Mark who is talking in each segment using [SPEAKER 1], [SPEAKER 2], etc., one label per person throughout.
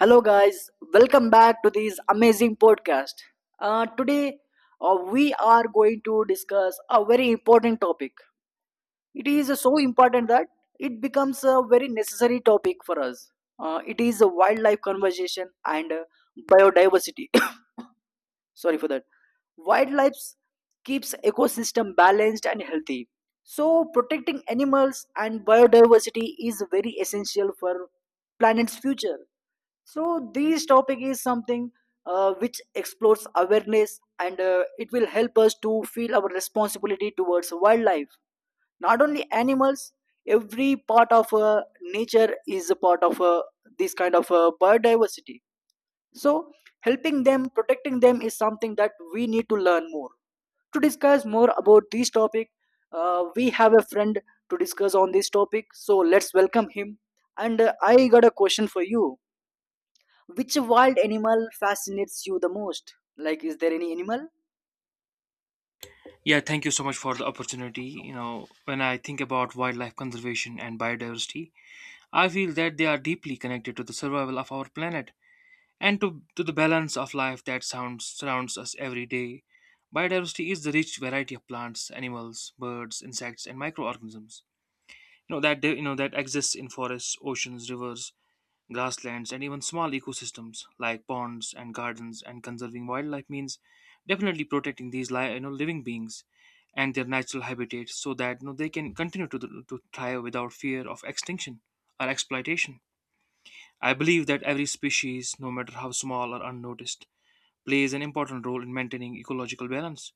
[SPEAKER 1] Hello, guys. Welcome back to this amazing podcast. Today, we are going to discuss a very important topic. It is so important that it becomes a very necessary topic for us. It is a wildlife conservation and biodiversity. Sorry for that. Wildlife keeps ecosystem balanced and healthy. So, protecting animals and biodiversity is very essential for planet's future. So this topic is something which explores awareness, and it will help us to feel our responsibility towards wildlife. Not only animals, every part of nature is a part of this kind of biodiversity. So helping them, protecting them is something that we need to learn more. To discuss more about this topic, we have a friend to discuss on this topic. So let's welcome him. And I got a question for you. Which wild animal fascinates you the most? Like, is there any animal?
[SPEAKER 2] Yeah, thank you so much for the opportunity. You know, when I think about wildlife conservation and biodiversity, I feel that they are deeply connected to the survival of our planet and to the balance of life that surrounds us every day. Biodiversity is the rich variety of plants, animals, birds, insects, and microorganisms. You know that exists in forests, oceans, rivers, grasslands, and even small ecosystems like ponds and gardens. And conserving wildlife means definitely protecting these living beings and their natural habitat so that they can continue to thrive without fear of extinction or exploitation. I believe that every species, no matter how small or unnoticed, plays an important role in maintaining ecological balance.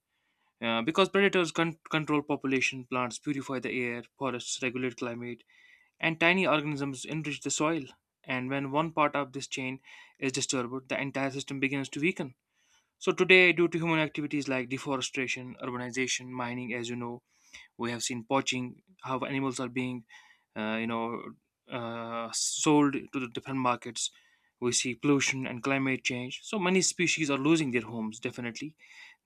[SPEAKER 2] Because control population, plants purify the air, forests regulate climate, and tiny organisms enrich the soil. And when one part of this chain is disturbed, the entire system begins to weaken. So today, due to human activities like deforestation, urbanization, mining, as you know, we have seen poaching, how animals are being uh, you know, sold to the different markets. We see pollution and climate change. So many species are losing their homes, definitely,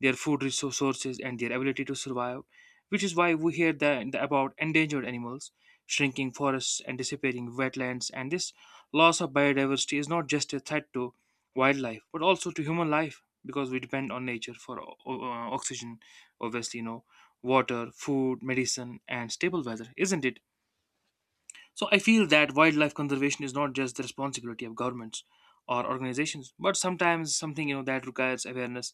[SPEAKER 2] their food resources and their ability to survive, which is why we hear about endangered animals, shrinking forests, and disappearing wetlands. And this loss of biodiversity is not just a threat to wildlife, but also to human life because we depend on nature for oxygen, obviously, water, food, medicine, and stable weather, isn't it? So I feel that wildlife conservation is not just the responsibility of governments or organizations, but sometimes something that requires awareness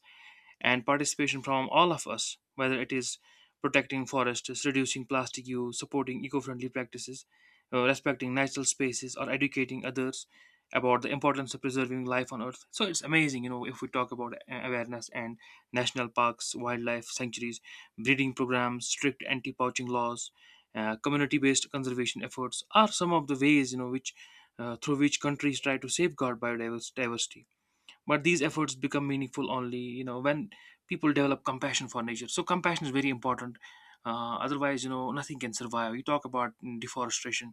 [SPEAKER 2] and participation from all of us, whether it is protecting forests, reducing plastic use, supporting eco friendly practices, respecting natural spaces, or educating others about the importance of preserving life on Earth. So it's amazing, you know, if we talk about awareness and national parks, wildlife sanctuaries, breeding programs, strict anti poaching laws. Community-based conservation efforts are some of the ways which through which countries try to safeguard biodiversity, but these efforts become meaningful only when people develop compassion for nature. So compassion is very important. Otherwise, nothing can survive. You talk about deforestation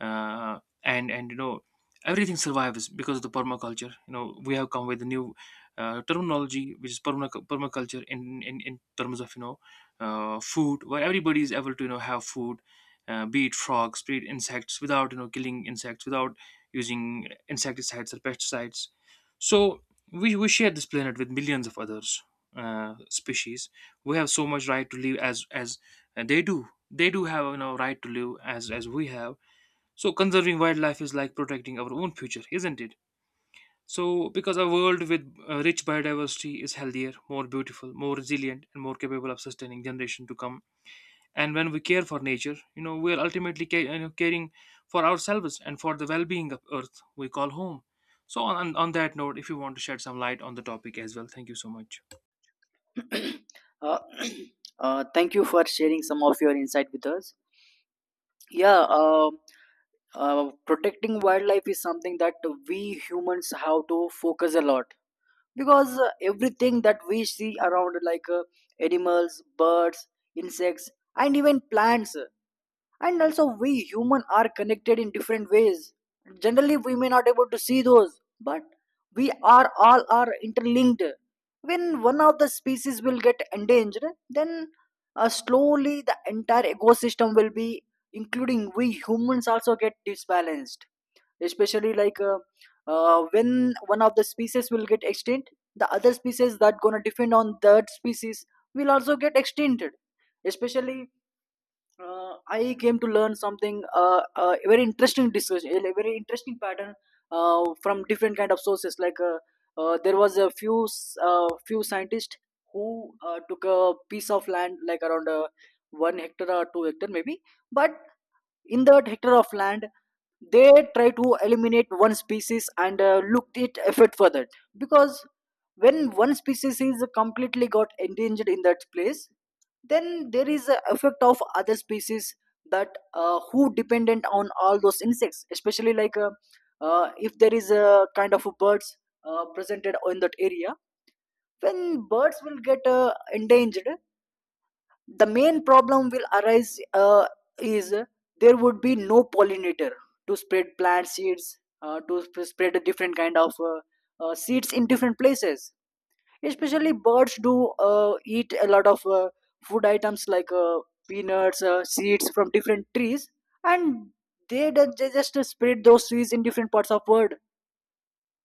[SPEAKER 2] and everything survives because of the permaculture. You know, we have come with a new terminology which is permaculture in terms of food where everybody is able to have food, be it frogs, be it insects, without killing insects, without using insecticides or pesticides. So we share this planet with millions of others, species. We have so much right to live as they do. They do have you know right to live as we have. So conserving wildlife is like protecting our own future, isn't it? Because a world with rich biodiversity is healthier, more beautiful, more resilient, and more capable of sustaining generation to come. And when we care for nature, you know, we are ultimately caring for ourselves and for the well-being of Earth we call home. So on that note, if you want to shed some light on the topic as well, thank you so much.
[SPEAKER 1] uh, thank you for sharing some of your insight with us. Yeah, protecting wildlife is something that we humans have to focus a lot, because everything that we see around, like animals, birds, insects, and even plants, and also we human are connected in different ways. Generally we may not able to see those, but we are all are interlinked. When one of the species will get endangered, then slowly the entire ecosystem will be, including we humans, also get disbalanced. Especially like when one of the species will get extinct, the other species that gonna depend on that species will also get extincted. Especially, I came to learn something, very interesting discussion, a very interesting pattern from different kind of sources. Like there was a few scientists who took a piece of land, like around 1 hectare or 2 hectare maybe. But in that hectare of land, they try to eliminate one species and looked it effort further, because when one species is completely got endangered in that place, then there is a effect of other species that who dependent on all those insects, especially like if there is a kind of birds presented in that area. When birds will get endangered, the main problem will arise, is there would be no pollinator to spread plant seeds, spread a different kind of seeds in different places. Especially birds do eat a lot of food items like peanuts, seeds from different trees, and they just spread those seeds in different parts of world.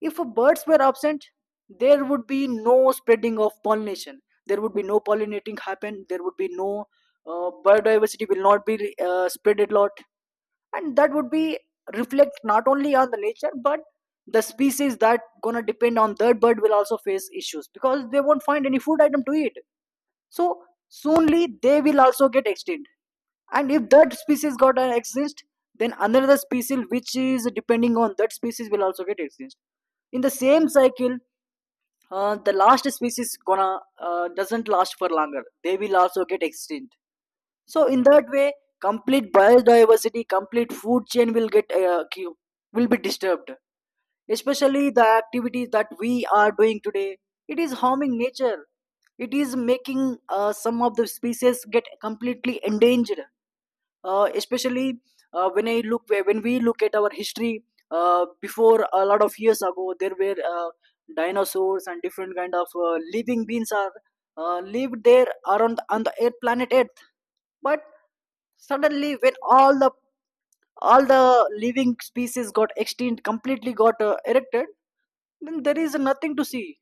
[SPEAKER 1] If birds were absent, there would be no spreading of pollination. There would be no pollinating happen. There would be no biodiversity will not be spread a lot, and that would be reflect not only on the nature, but the species that gonna depend on that bird will also face issues because they won't find any food item to eat. So soonly they will also get extinct, and if that species got an exist, then another species which is depending on that species will also get extinct. In the same cycle, the last species gonna doesn't last for longer, they will also get extinct. So in that way, complete biodiversity, complete food chain will be disturbed. Especially the activities that we are doing today, it is harming nature, it is making some of the species get completely endangered. Especially, when I look when we look at our history, before a lot of years ago, there were dinosaurs and different kind of living beings are lived there around on the earth, planet earth. But suddenly when all the living species got extinct, completely got erected, then there is nothing to see.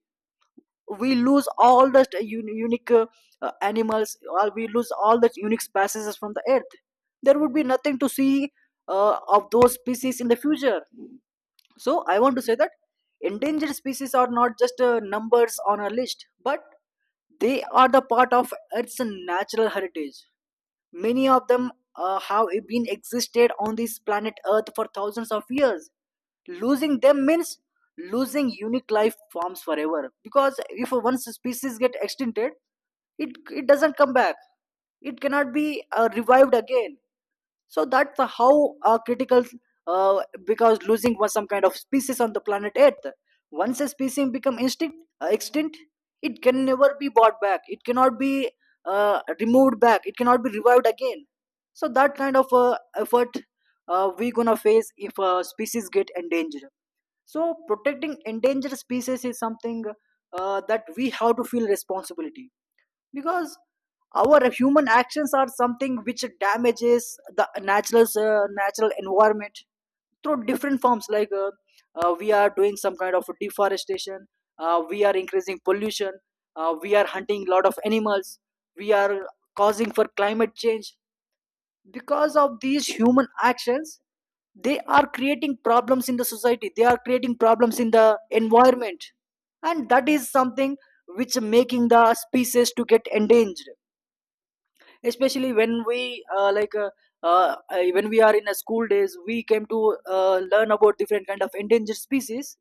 [SPEAKER 1] We lose all the unique animals, or we lose all the unique species from the earth. There would be nothing to see of those species in the future. So I want to say that endangered species are not just numbers on a list, but they are the part of earth's natural heritage. Many of them have been existed on this planet Earth for thousands of years. Losing them means losing unique life forms forever. Because if one species get extincted, it doesn't come back. It cannot be revived again. So that's how critical, because losing was some kind of species on the planet earth. Once a species become extinct, it can never be brought back, it cannot be removed back, it cannot be revived again. So that kind of effort we gonna face if species get endangered. So protecting endangered species is something that we have to feel responsibility, because our human actions are something which damages the natural environment through different forms, like we are doing some kind of deforestation, we are increasing pollution, we are hunting lot of animals, we are causing for climate change. Because of these human actions, they are creating problems in the society, they are creating problems in the environment, and that is something which making the species to get endangered. Especially when we are in a school days, we came to learn about different kind of endangered species.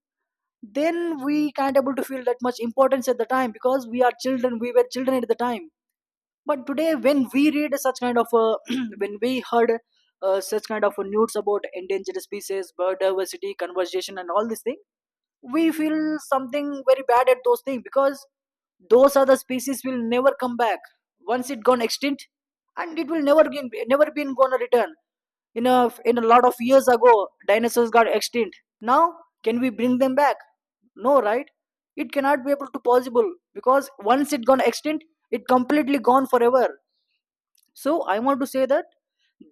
[SPEAKER 1] Then we can't able to feel that much importance at the time, because we were children at the time. But today, when we read such kind of when we heard such kind of news about endangered species, biodiversity conservation, and all these things, we feel something very bad at those things, because those other species will never come back once it gone extinct, and it will never again never been gonna return. In a lot of years ago, dinosaurs got extinct. Now can we bring them back? No, right? It cannot be able to possible, because once it gone extinct, it completely gone forever. So I want to say that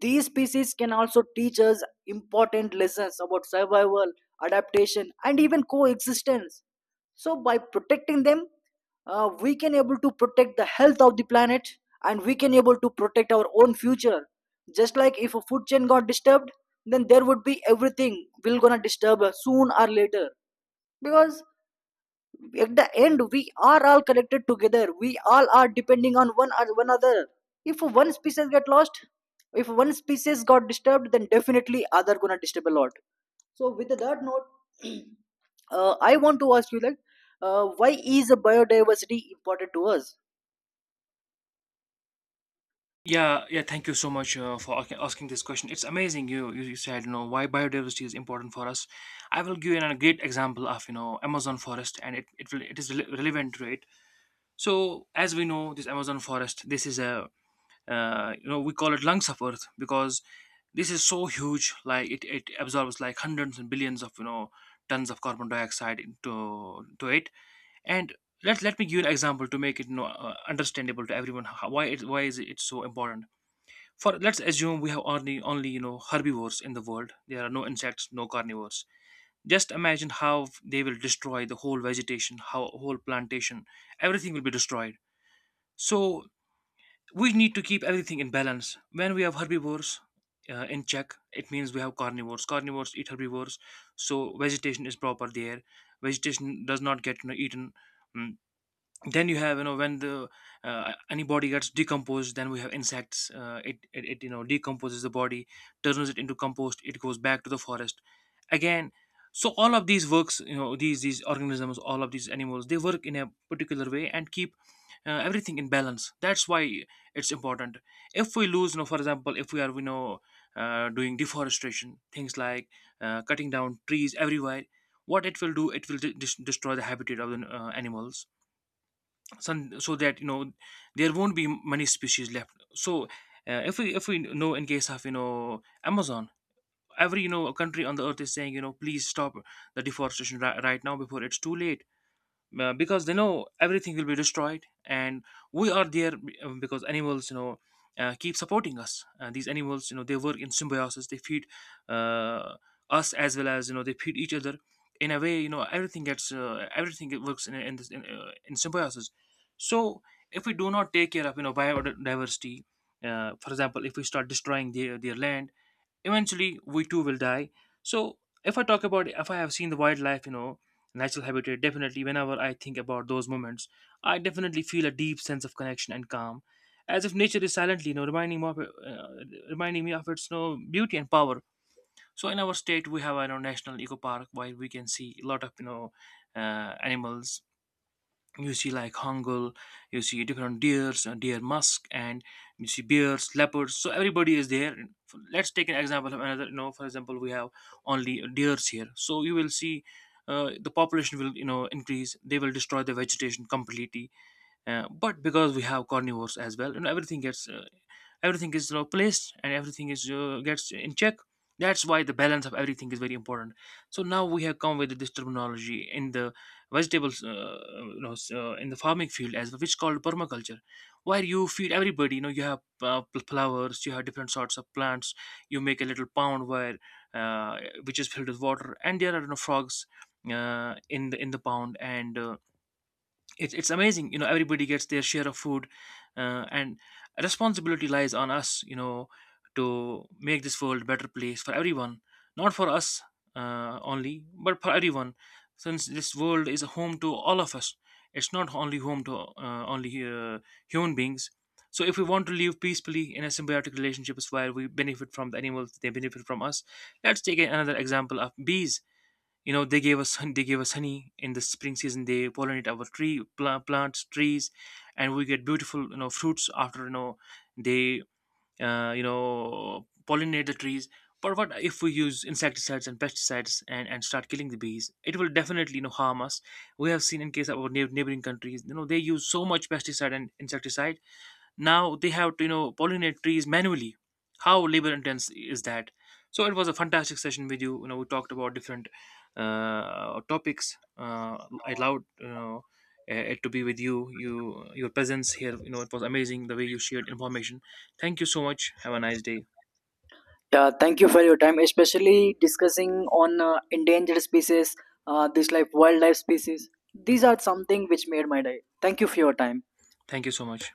[SPEAKER 1] these species can also teach us important lessons about survival, adaptation, and even coexistence. So by protecting them, we can able to protect the health of the planet, and we can able to protect our own future. Just like if a food chain got disturbed, then there would be everything will gonna disturb us soon or later, because at the end we are all connected together, we all are depending on one or one other. If one species get lost, if one species got disturbed, then definitely other gonna disturb a lot. So with that note, I want to ask you, like, why is biodiversity important to us?
[SPEAKER 2] Yeah, yeah. Thank you so much for asking this question. It's amazing. You said, you know, why biodiversity is important for us. I will give you a great example of you know Amazon forest, and it is relevant to it. So as we know, this Amazon forest, this is a you know, we call it lungs of Earth because this is so huge. Like it absorbs like hundreds and billions of tons of carbon dioxide into to it. And let me give you an example to make it understandable to everyone. How, why it, why is it so important? For, let's assume we have only you know herbivores in the world. There are no insects, no carnivores. Just imagine how they will destroy the whole vegetation, how whole plantation, everything will be destroyed. So we need to keep everything in balance. When we have herbivores in check, it means we have carnivores. Carnivores eat herbivores, so vegetation is proper there. Vegetation does not get eaten. Mm, then you have you know when the any body gets decomposed, then we have insects. It you know decomposes the body, turns it into compost, it goes back to the forest again. So all of these works, you know, these organisms, all of these animals, they work in a particular way and keep everything in balance. That's why it's important. If we lose, you know, for example, if we are doing deforestation things like cutting down trees everywhere, what it will do, it will destroy the habitat of the animals, some, so that you know there won't be many species left. So if we know in case of you know Amazon, every you know country on the earth is saying, you know, please stop the deforestation right now before it's too late, because they know everything will be destroyed. And we are there, because animals, you know, keep supporting us. These animals, you know, they work in symbiosis. They feed uh, us as well as, you know, they feed each other. In a way, you know, everything gets everything, it works in symbiosis. So if we do not take care of you know biodiversity, for example, if we start destroying their land, eventually we too will die. So if I talk about, if I have seen the wildlife, you know, natural habitat, definitely whenever I think about those moments, I definitely feel a deep sense of connection and calm, as if nature is silently, you know, reminding me of, its, you know, beauty and power. So in our state we have, you know, national eco park, where we can see a lot of you know animals. You see like hangul, you see different deers, deer musk, and you see bears, leopards. So everybody is there. Let's take an example of another, you know, for example, we have only deers here. So you will see the population will, you know, increase, they will destroy the vegetation completely. But because we have carnivores as well, you know, everything gets everything is, you know, placed, and everything is gets in check. That's why the balance of everything is very important. So now we have come with this terminology in the vegetables, in the farming field as well, which is called permaculture, where you feed everybody, you know, you have flowers, you have different sorts of plants, you make a little pond where uh, which is filled with water, and there are, you know, frogs in the pond, and it's amazing, you know, everybody gets their share of food. And responsibility lies on us, you know, to make this world a better place for everyone, not for us only, but for everyone, since this world is a home to all of us. It's not only home to only human beings. So if we want to live peacefully in a symbiotic relationships, where we benefit from the animals, they benefit from us. Let's take another example of bees. You know, they gave they gave us honey in the spring season, they pollinate our plants, trees, and we get beautiful, you know, fruits after, you know, they pollinate the trees. But what if we use insecticides and pesticides, and start killing the bees? It will definitely, you know, harm us. We have seen in case of our neighboring countries, you know, they use so much pesticide and insecticide, now they have to, you know, pollinate trees manually. How labor intense is that? So it was a fantastic session with you. You know, we talked about different topics. I allowed, you know, it to be with you. You, your presence here, you know, it was amazing the way you shared information. Thank you so much, have a nice day.
[SPEAKER 1] Yeah, thank you for your time, especially discussing on endangered species, this like wildlife species. These are something which made my day. Thank you for your time.
[SPEAKER 2] Thank you so much.